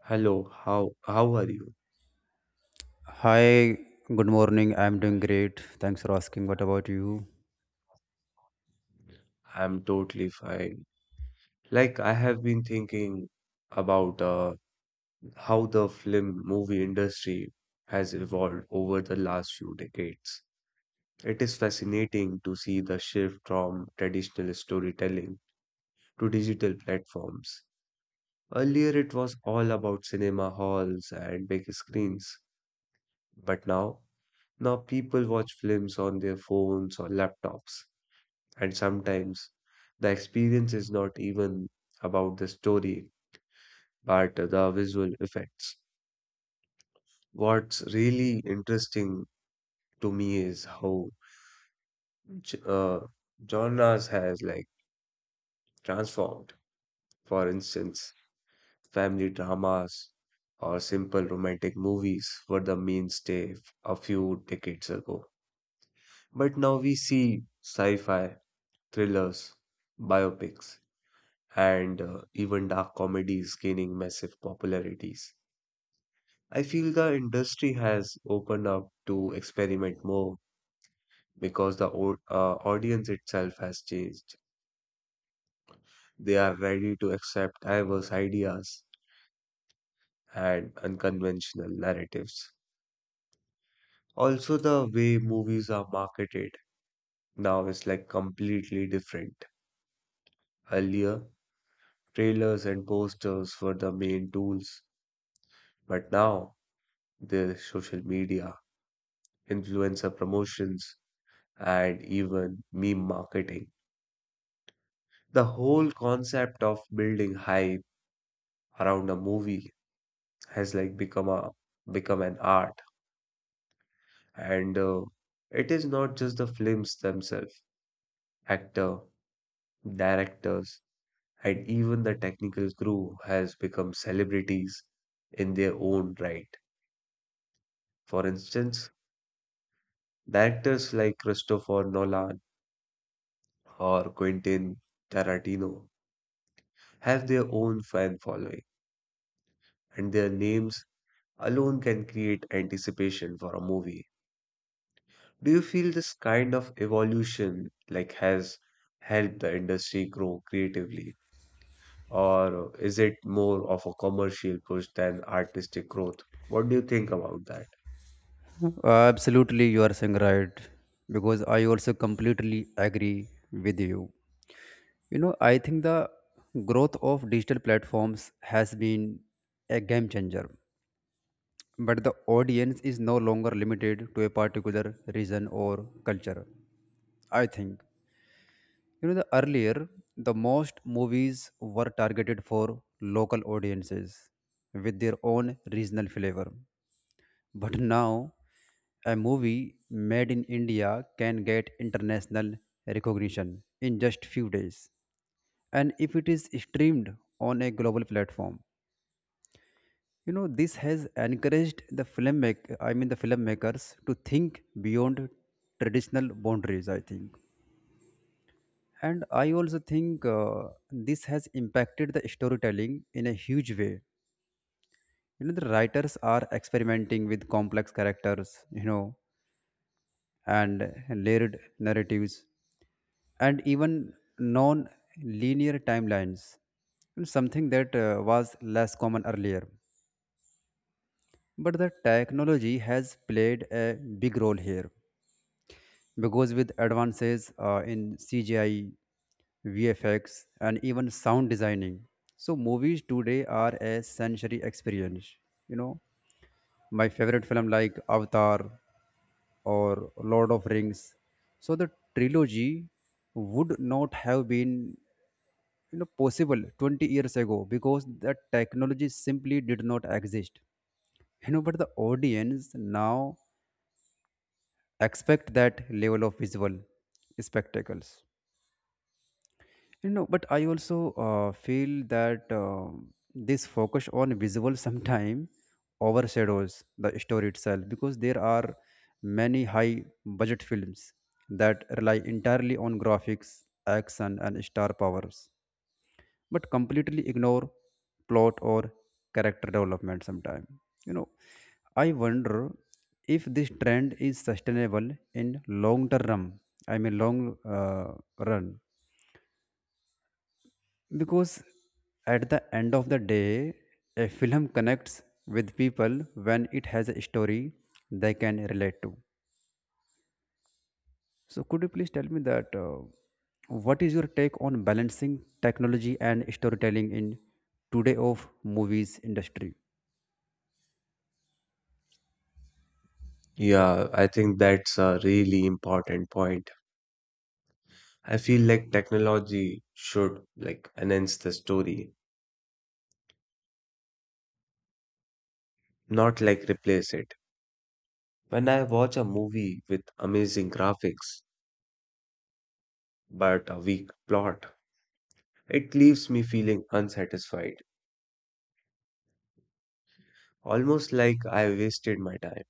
Hello, how are you? Hi, good morning. I'm doing great. Thanks for asking. What about you? I'm totally fine. Like I have been thinking about how the film movie industry has evolved over the last few decades. It is fascinating to see the shift from traditional storytelling to digital platforms. Earlier it was all about cinema halls and big screens, but now people watch films on their phones or laptops. And sometimes the experience is not even about the story, but the visual effects. What's really interesting to me is how j- uh, genres has like transformed. For instance, family dramas or simple romantic movies were the a few decades ago. But now we see sci-fi, thrillers, biopics, and even dark comedies gaining massive popularities. I feel the industry has opened up to experiment more because the audience itself has changed. They are ready to accept diverse ideas and unconventional narratives. Also, the way movies are marketed now is like completely different. Earlier, trailers and posters were the main tools, but now there's social media, influencer promotions, and even meme marketing the whole concept of building hype around a movie has like become an art and it is not just the films themselves actor directors and even the technical crew has become celebrities in their own right. For instance, directors like Christopher Nolan or Quentin Tarantino have their own fan following and their names alone can create anticipation for a movie. Do you feel this kind of evolution like has helped the industry grow creatively, or is it more of a commercial push than artistic growth? What do you think about that? Absolutely, you are saying right because I also completely agree with you. You know, I think the growth of digital platforms has been a game changer, but the audience is no longer limited to a particular region or culture. I think you know the earlier the most movies were targeted for local audiences with their own regional flavor. But now, a movie made in India can get international recognition in just few days. And if it is streamed on a global platform, you know this has encouraged the filmmaker, I mean the filmmakers, to think beyond traditional boundaries. I think, and I also think this has impacted the storytelling in a huge way. You know the writers are experimenting with complex characters. You know, and layered narratives and even non linear timelines, and something that was less common earlier. But the technology has played a big role here because with advances in CGI, VFX, and even sound designing, so movies today are a sensory experience. You know, my favorite film like Avatar or Lord of Rings. So the trilogy would not have been you know possible 20 years ago because the technology simply did not exist. You know, but the audience now expect that level of visual spectacles. You know, but I also feel that this focus on visual sometime overshadows the story itself because there are many high budget films that rely entirely on graphics, action, and star powers, but completely ignore plot or character development sometime. You know, I wonder if this trend is sustainable in long term. I mean, long run, because at the end of the day, a film connects with people when it has a story they can relate to. So, could you please tell me that what is your take on balancing technology and storytelling in today of movies industry? Yeah, I think that's a really important point. I feel like technology should like enhance the story, not like replace it. When I watch a movie with amazing graphics but a weak plot, it leaves me feeling unsatisfied, almost like I wasted my time.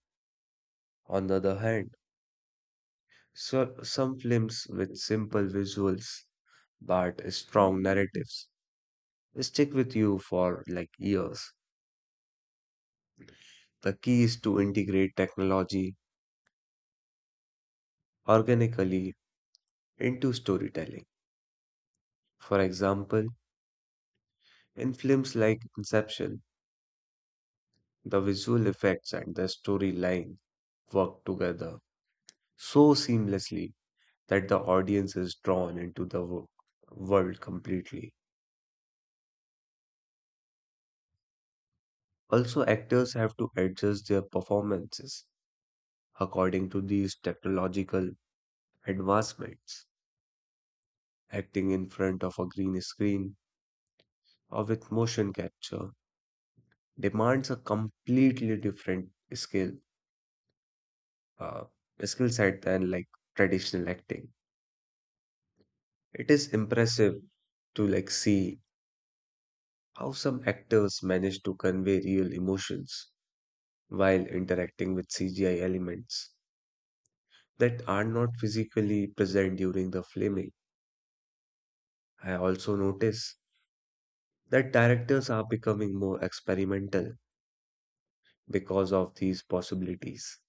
On the other hand, so, some films with simple visuals but strong narratives stick with you for like years. The key is to integrate technology organically into storytelling. For example, in films like Inception, the visual effects and the storyline work together so seamlessly that the audience is drawn into the world completely. Also, actors have to adjust their performances according to these technological advancements. Acting in front of a green screen or with motion capture demands a completely different skill, uh, skill set than like traditional acting. It is impressive to like see how some actors manage to convey real emotions while interacting with CGI elements that are not physically present during the filming. I also notice that directors are becoming more experimental because of these possibilities.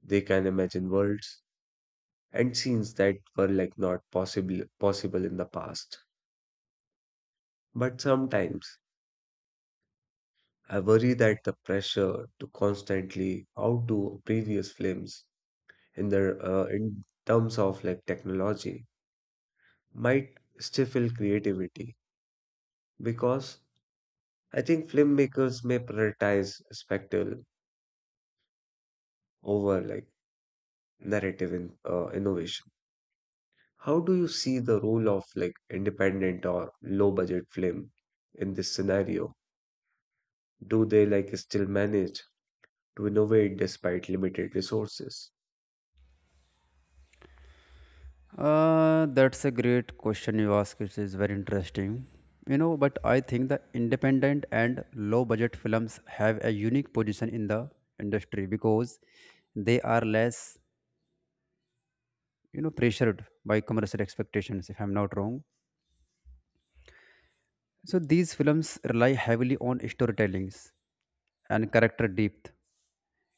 They can imagine worlds and scenes that were like not possible in the past. But sometimes I worry that the pressure to constantly outdo previous films in terms of like technology might stifle creativity because I think filmmakers may prioritize spectacle over like innovation. How do you see the role of like independent or low budget film in this scenario? Do they like still manage to innovate despite limited resources? That's a great question you ask. It is very interesting. You know, but I think the independent and low budget films have a unique position in the industry because they are less you know pressured by commercial expectations if I'm not wrong. So these films rely heavily on storytellings and character depth,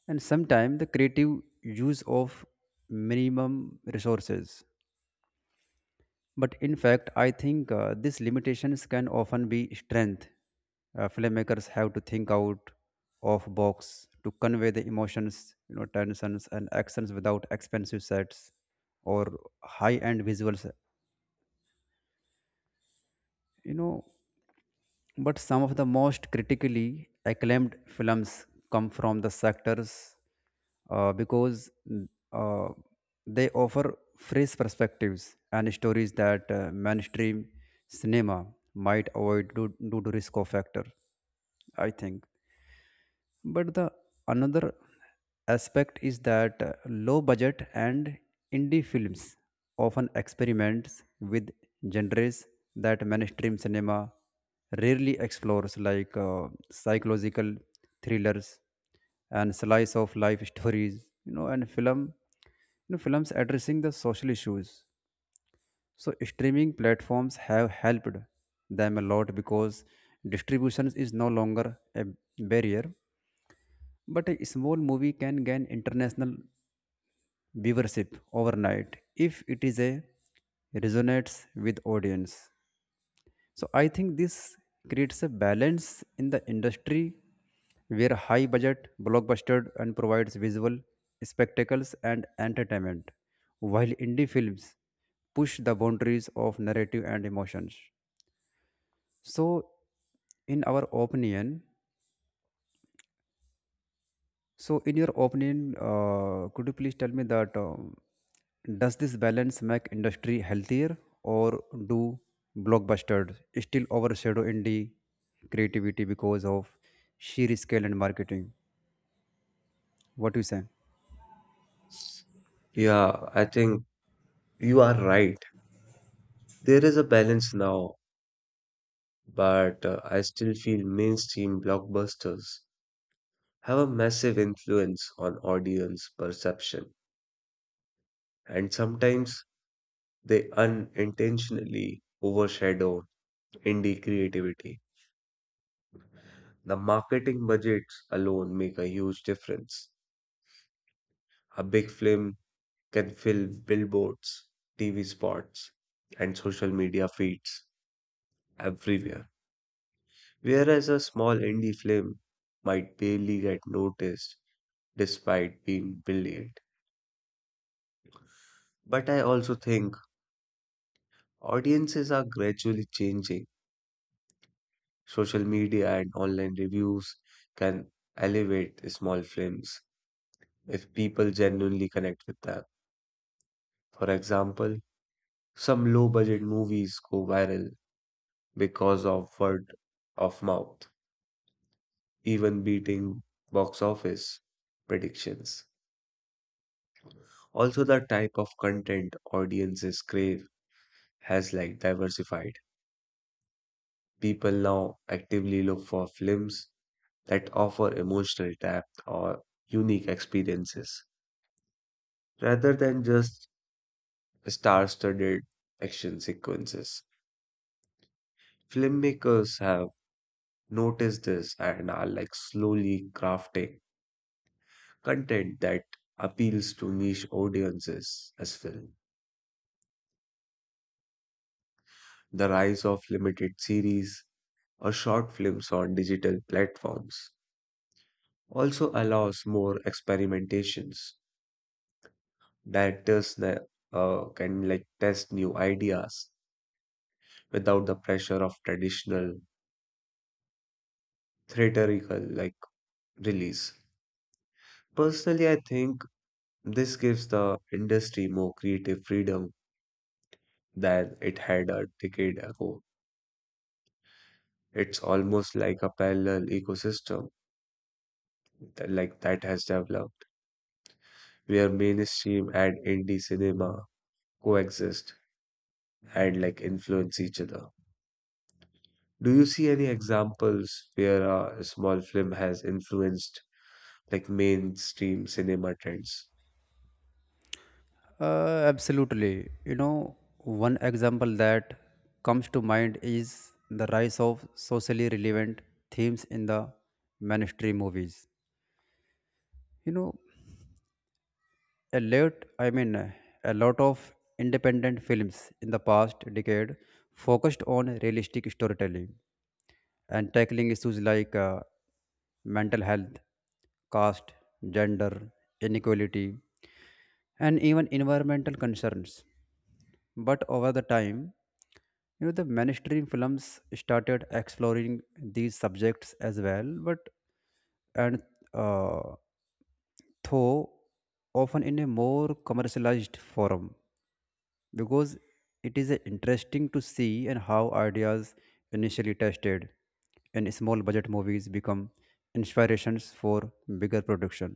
and sometimes the creative use of minimum resources, but in fact I think these limitations can often be strength. Filmmakers have to think out of box to convey the emotions, you know, tensions and actions without expensive sets or high end visuals, you know. But some of the most critically acclaimed films come from the sectors, because uh, they offer fresh perspectives and stories that mainstream cinema might avoid due to risk of factor, I think. But the another aspect is that low budget and indie films often experiments with genres that mainstream cinema rarely explores, like psychological thrillers and slice of life stories, you know, and film, you know, films addressing the social issues. So streaming platforms have helped them a lot because distribution is no longer a barrier, but a small movie can gain international viewership overnight if it is a resonates with audience. So I think this creates a balance in the industry where high budget blockbuster and provides visual spectacles and entertainment, while indie films push the boundaries of narrative and emotions. So in our opinion, So, in your opinion, could you please tell me that does this balance make industry healthier, or do blockbusters still overshadow indie creativity because of sheer scale and marketing? What do you say? Yeah, I think you are right. There is a balance now, but I still feel mainstream blockbusters have a massive influence on audience perception, and sometimes they unintentionally overshadow indie creativity. The marketing budgets alone make a huge difference. A big film can fill billboards, TV spots, and social media feeds everywhere, whereas a small indie film might barely get noticed despite being brilliant. But I also think audiences are gradually changing. Social media and online reviews can elevate small films if people genuinely connect with them. For example, some low budget movies go viral because of word of mouth, even beating box office predictions. Also, the type of content audiences crave has like diversified. People now actively look for films that offer emotional depth or unique experiences rather than just star-studded action sequences. Filmmakers have noticed this and are like slowly crafting content that appeals to niche audiences as well. The rise of limited series or short films on digital platforms also allows more experimentations. Directors can like test new ideas without the pressure of traditional theatrical like release. Personally, I think this gives the industry more creative freedom than it had a decade ago. It's almost like a parallel ecosystem like that has developed where mainstream and indie cinema coexist and like influence each other. Do you see any examples where a small film has influenced like mainstream cinema trends? Absolutely. You know, one example that comes to mind is the rise of socially relevant themes in the mainstream movies. You know, a lot i mean uh, a lot of independent films in the past decade focused on realistic storytelling and tackling issues like mental health, caste, gender inequality, and even environmental concerns, but over the time, you know, the mainstream films started exploring these subjects as well, but and uh, though often in a more commercialized form, because it is interesting to see and how ideas initially tested in small budget movies become inspirations for bigger production.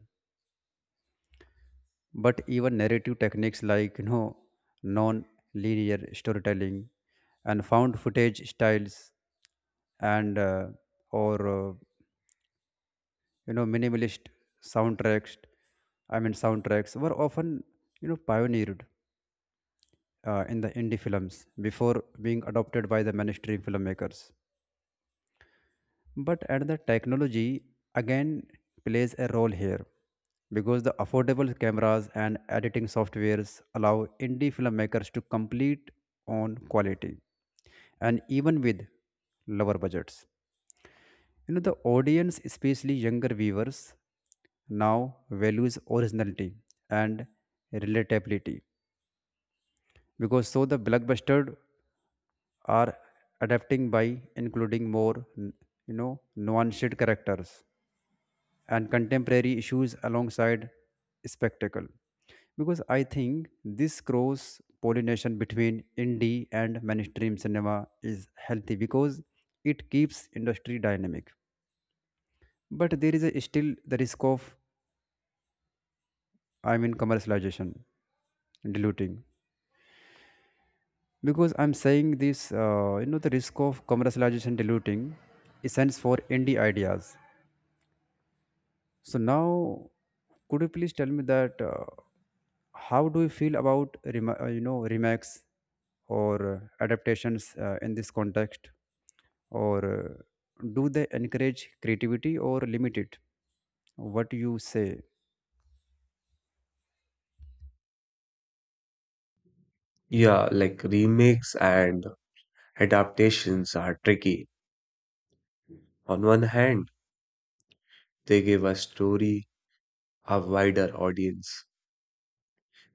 But even narrative techniques like, you know, non-linear storytelling and found footage styles, and or you know, minimalist soundtracks I mean soundtracks were often, you know, pioneered in the indie films before being adopted by the mainstream filmmakers. But at the technology again plays a role here because the affordable cameras and editing softwares allow indie filmmakers to complete on quality and even with lower budgets. You know, the audience, especially younger viewers, now values originality and relatability, because so the blockbuster are adapting by including more you know nuanced characters and contemporary issues alongside spectacle, because I think this cross pollination between indie and mainstream cinema is healthy because it keeps industry dynamic. But there is still the risk of, I mean commercialization diluting, because I'm saying this, you know, the risk of commercialization diluting essence for indie ideas. So now, could you please tell me that how do you feel about you know remakes or adaptations in this context, or do they encourage creativity or limit it? What do you say? Yeah, like remakes and adaptations are tricky. On one hand, they give a story a wider audience,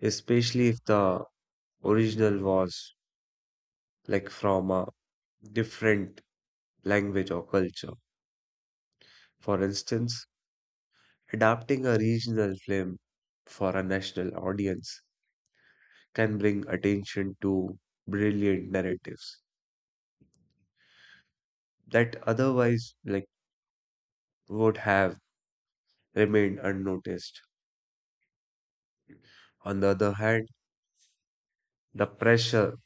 especially if the original was like from a different language or culture. For instance, adapting a regional film for a national audience can bring attention to brilliant narratives that otherwise like would have remained unnoticed. On the other hand, the pressure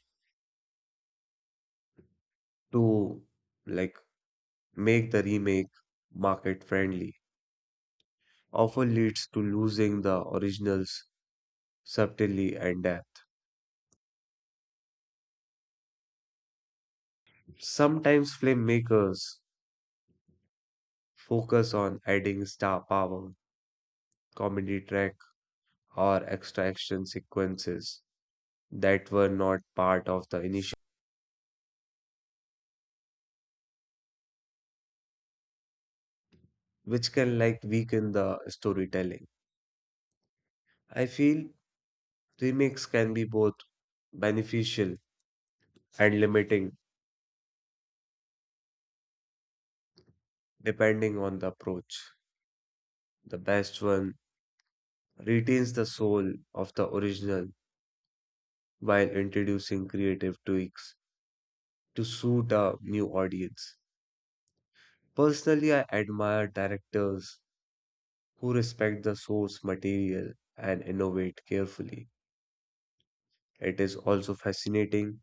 to like make the remake market friendly often leads to losing the original's subtlety and depth. Sometimes filmmakers focus on adding star power, comedy track or extraction sequences that were not part of the initial, which can like weaken the storytelling. I feel remakes can be both beneficial and limiting depending on the approach. The best one retains the soul of the original while introducing creative tweaks to suit a new audience. Personally, I admire directors who respect the source material and innovate carefully. It is also fascinating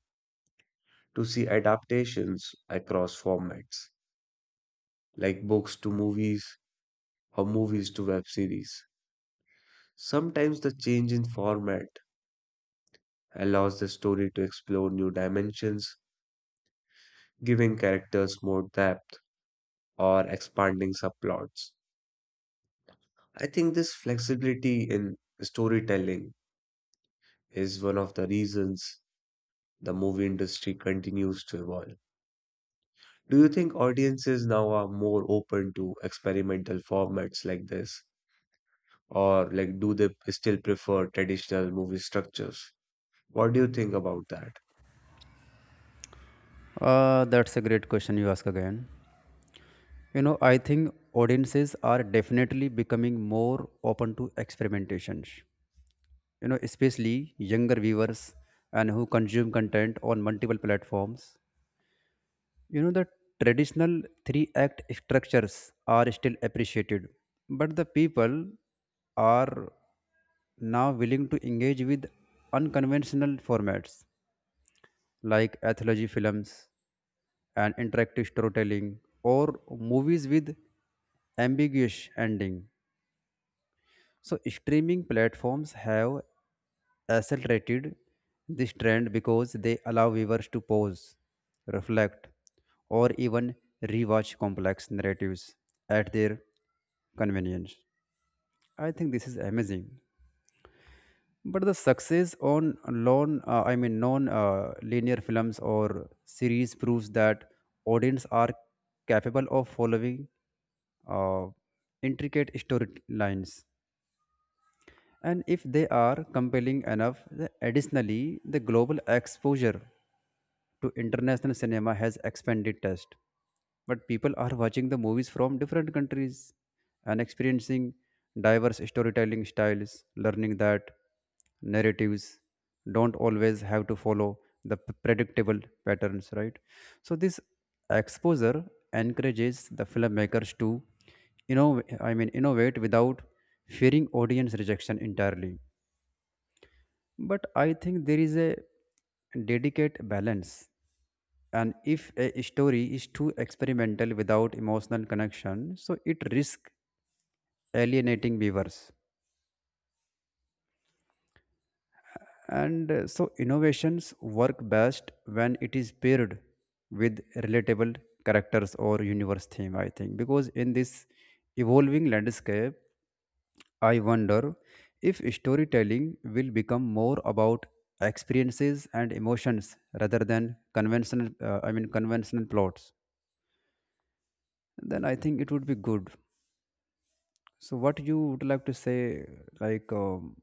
to see adaptations across formats, like books to movies or movies to web series. Sometimes the change in format allows the story to explore new dimensions, giving characters more depth or expanding subplots. I think this flexibility in storytelling is one of the reasons the movie industry continues to evolve. Do you think audiences now are more open to experimental formats like this or like do they still prefer traditional movie structures? What do you think about that? That's a great question you ask again. You know, I think audiences are definitely becoming more open to experimentations. You know, especially younger viewers and who consume content on multiple platforms. You know, the traditional three act structures are still appreciated, but the people are now willing to engage with unconventional formats like anthology films and interactive storytelling or movies with ambiguous ending. So streaming platforms have accelerated this trend because they allow viewers to pause, reflect, or even rewatch complex narratives at their convenience. I think this is amazing. But the success on I mean non-linear films or series proves that audience are capable of following uh, intricate storylines, and if they are compelling enough additionally the global exposure to international cinema has expanded taste. But people are watching the movies from different countries and experiencing diverse storytelling styles, learning that narratives don't always have to follow the predictable patterns, right? So this exposure encourages the filmmakers to, you know, I mean innovate without fearing audience rejection entirely. But I think there is a delicate balance. And if a story is too experimental without emotional connection, so it risks alienating viewers. And so innovations work best when it is paired with relatable characters or universe theme, I think. Because in this evolving landscape, I wonder if storytelling will become more about experiences and emotions rather than conventional I mean conventional plots. Then I think it would be good. So what you would like to say like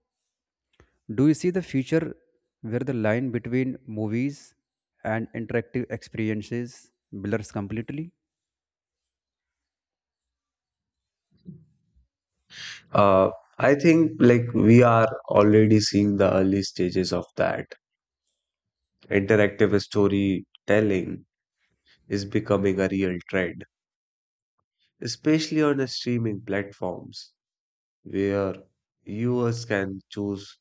do you see the future where the line between movies and interactive experiences blurs completely? Uh, I think like we are already seeing the early stages of that. Interactive storytelling is becoming a real trend, especially on the streaming platforms where viewers can choose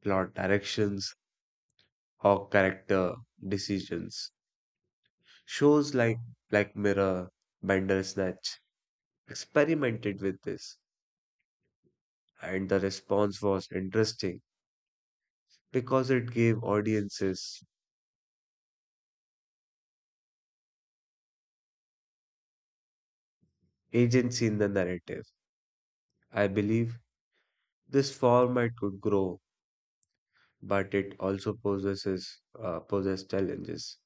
plot directions or character decisions. Shows like Black Mirror, Bandersnatch experimented with this. And the response was interesting because it gave audiences agency in the narrative. I believe this format could grow, but it also possesses poses challenges.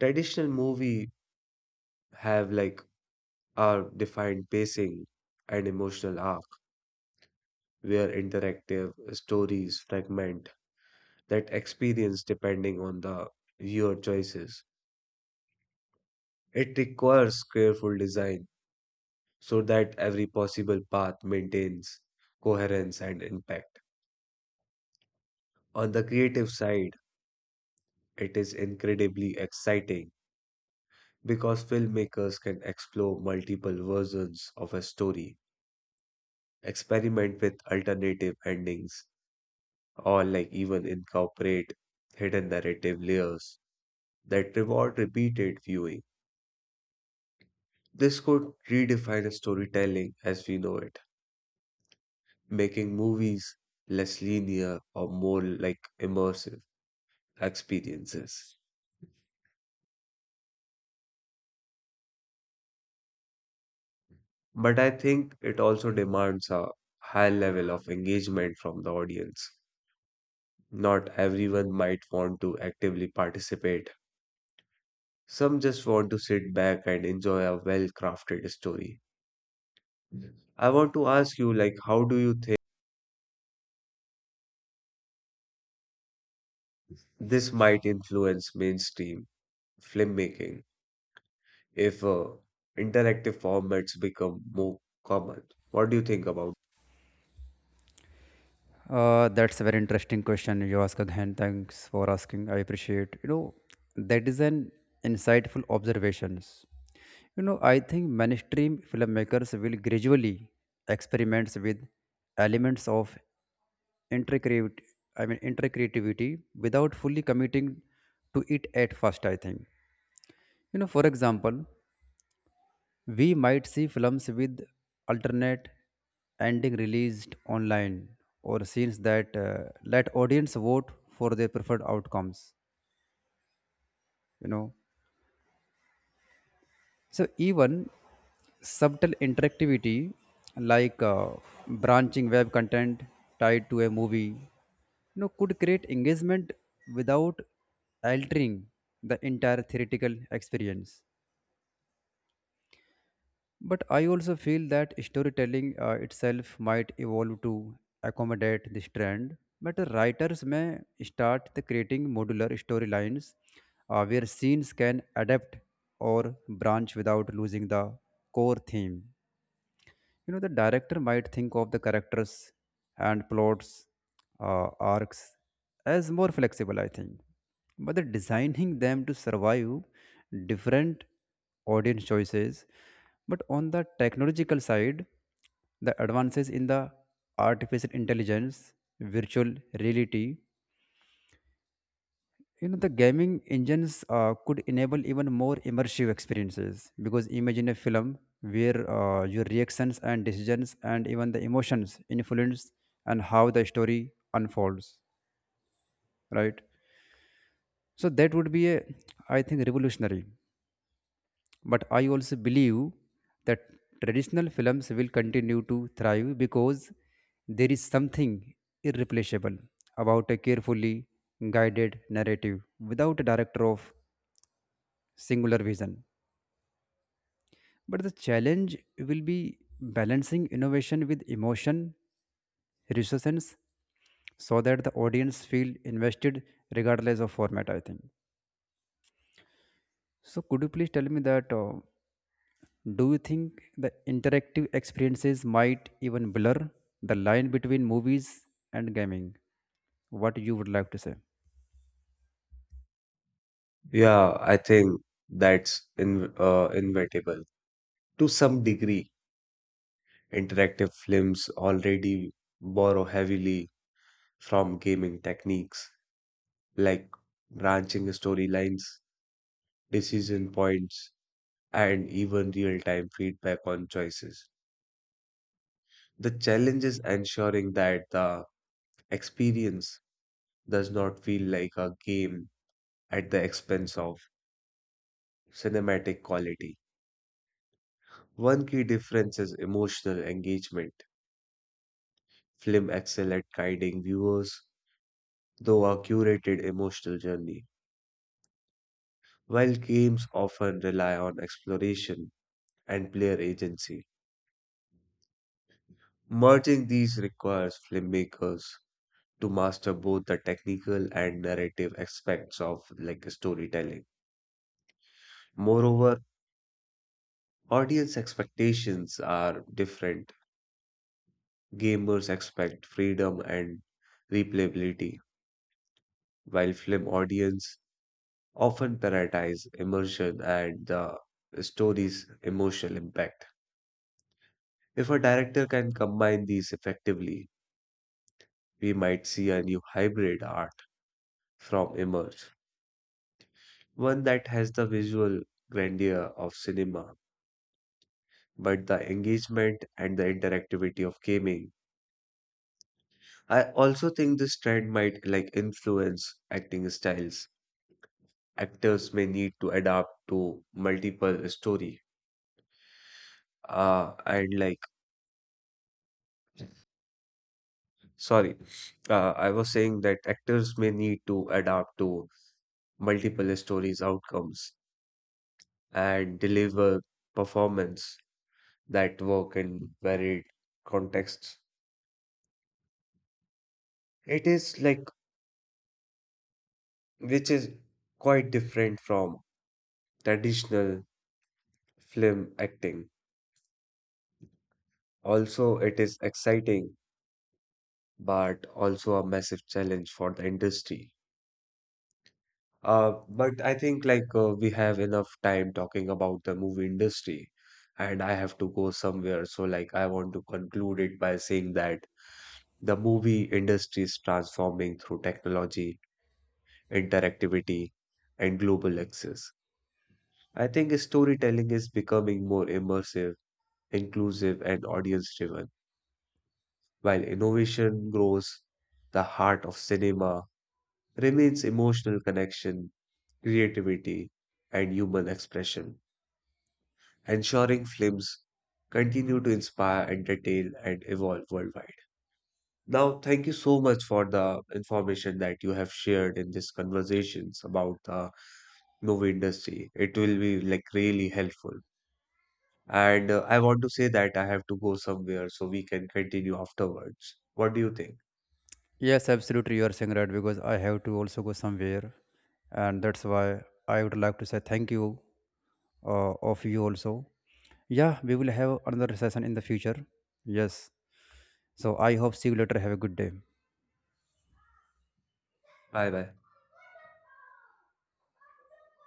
Traditional movie have like our defined pacing and emotional arc, where interactive stories fragment that experience depending on the viewer choices. It requires careful design so that every possible path maintains coherence and impact. On the creative side, it is incredibly exciting because filmmakers can explore multiple versions of a story, experiment with alternative endings, or like even incorporate hidden narrative layers that reward repeated viewing. This could redefine storytelling as we know it, making movies less linear or more like immersive experiences. But I think it also demands a high level of engagement from the audience. Not everyone might want to actively participate. Some just want to sit back and enjoy a well-crafted story. I want to ask you, like, how do you think this might influence mainstream filmmaking if interactive formats become more common? What do you think about? That's a very interesting question you ask again. Thanks for asking. I appreciate. You know, that is an insightful observations. You know, I think mainstream filmmakers will gradually experiments with elements of intricate, I mean, intricreativity without fully committing to it at first. I think. You know, for example, we might see films with alternate ending released online or scenes that let audience vote for their preferred outcomes, you know. So even subtle interactivity like branching web content tied to a movie, you know, could create engagement without altering the entire theoretical experience. But I also feel that storytelling itself might evolve to accommodate this trend. But the writers may start the creating modular storylines where scenes can adapt or branch without losing the core theme. You know, the director might think of the characters and plots uh, arcs as more flexible, I think, but the designing them to survive different audience choices. But on the technological side, the advances in the artificial intelligence, virtual reality, you know, the gaming engines could enable even more immersive experiences because imagine a film where your reactions and decisions and even the emotions influence and how the story unfolds, right? So that would be a, I think, revolutionary. But I also believe that traditional films will continue to thrive because there is something irreplaceable about a carefully guided narrative without a director of singular vision. But the challenge will be balancing innovation with emotion, resistance, so that the audience feel invested regardless of format, I think. So could you please tell me that do you think the interactive experiences might even blur the line between movies and gaming? What you would like to say? Yeah, I think that's in inevitable to some degree. Interactive films already borrow heavily from gaming techniques like branching storylines, decision points, and even real time feedback on choices. The challenge is ensuring that the experience does not feel like a game at the expense of cinematic quality. One key difference is emotional engagement. Film excel at guiding viewers through a curated emotional journey while games often rely on exploration and player agency. Merging these requires filmmakers to master both the technical and narrative aspects of like storytelling. Moreover, audience expectations are different. Gamers expect freedom and replayability, while film audience often prioritize immersion and the story's emotional impact. If a director can combine these effectively, we might see a new hybrid art from emerge, one that has the visual grandeur of cinema, but the engagement and the interactivity of gaming. I also think this trend might like influence acting styles. Actors may need to adapt to multiple story. Uh, and like, sorry, I was saying that actors may need to adapt to multiple stories outcomes and deliver performance that work in varied contexts. It is like, which is quite different from traditional film acting. Also, it is exciting, but also a massive challenge for the industry. But I think like we have enough time talking about the movie industry, and I have to go somewhere. So like I want to conclude it by saying that the movie industry is transforming through technology interactivity, and global access. I think storytelling is becoming more immersive, inclusive, and audience driven, while innovation grows. The heart of cinema remains emotional connection, creativity, and human expression, ensuring films continue to inspire, entertain, and evolve worldwide. Now, thank you so much for the information that you have shared in these conversations about the movie industry. It will be like really helpful. And I want to say that I have to go somewhere so we can continue afterwards. What do you think? Yes, absolutely. You are saying right because I have to also go somewhere, and that's why I would like to say thank you of you also. Yeah, we will have another session in the future. Yes. So I hope see you later. Have a good day. Bye bye.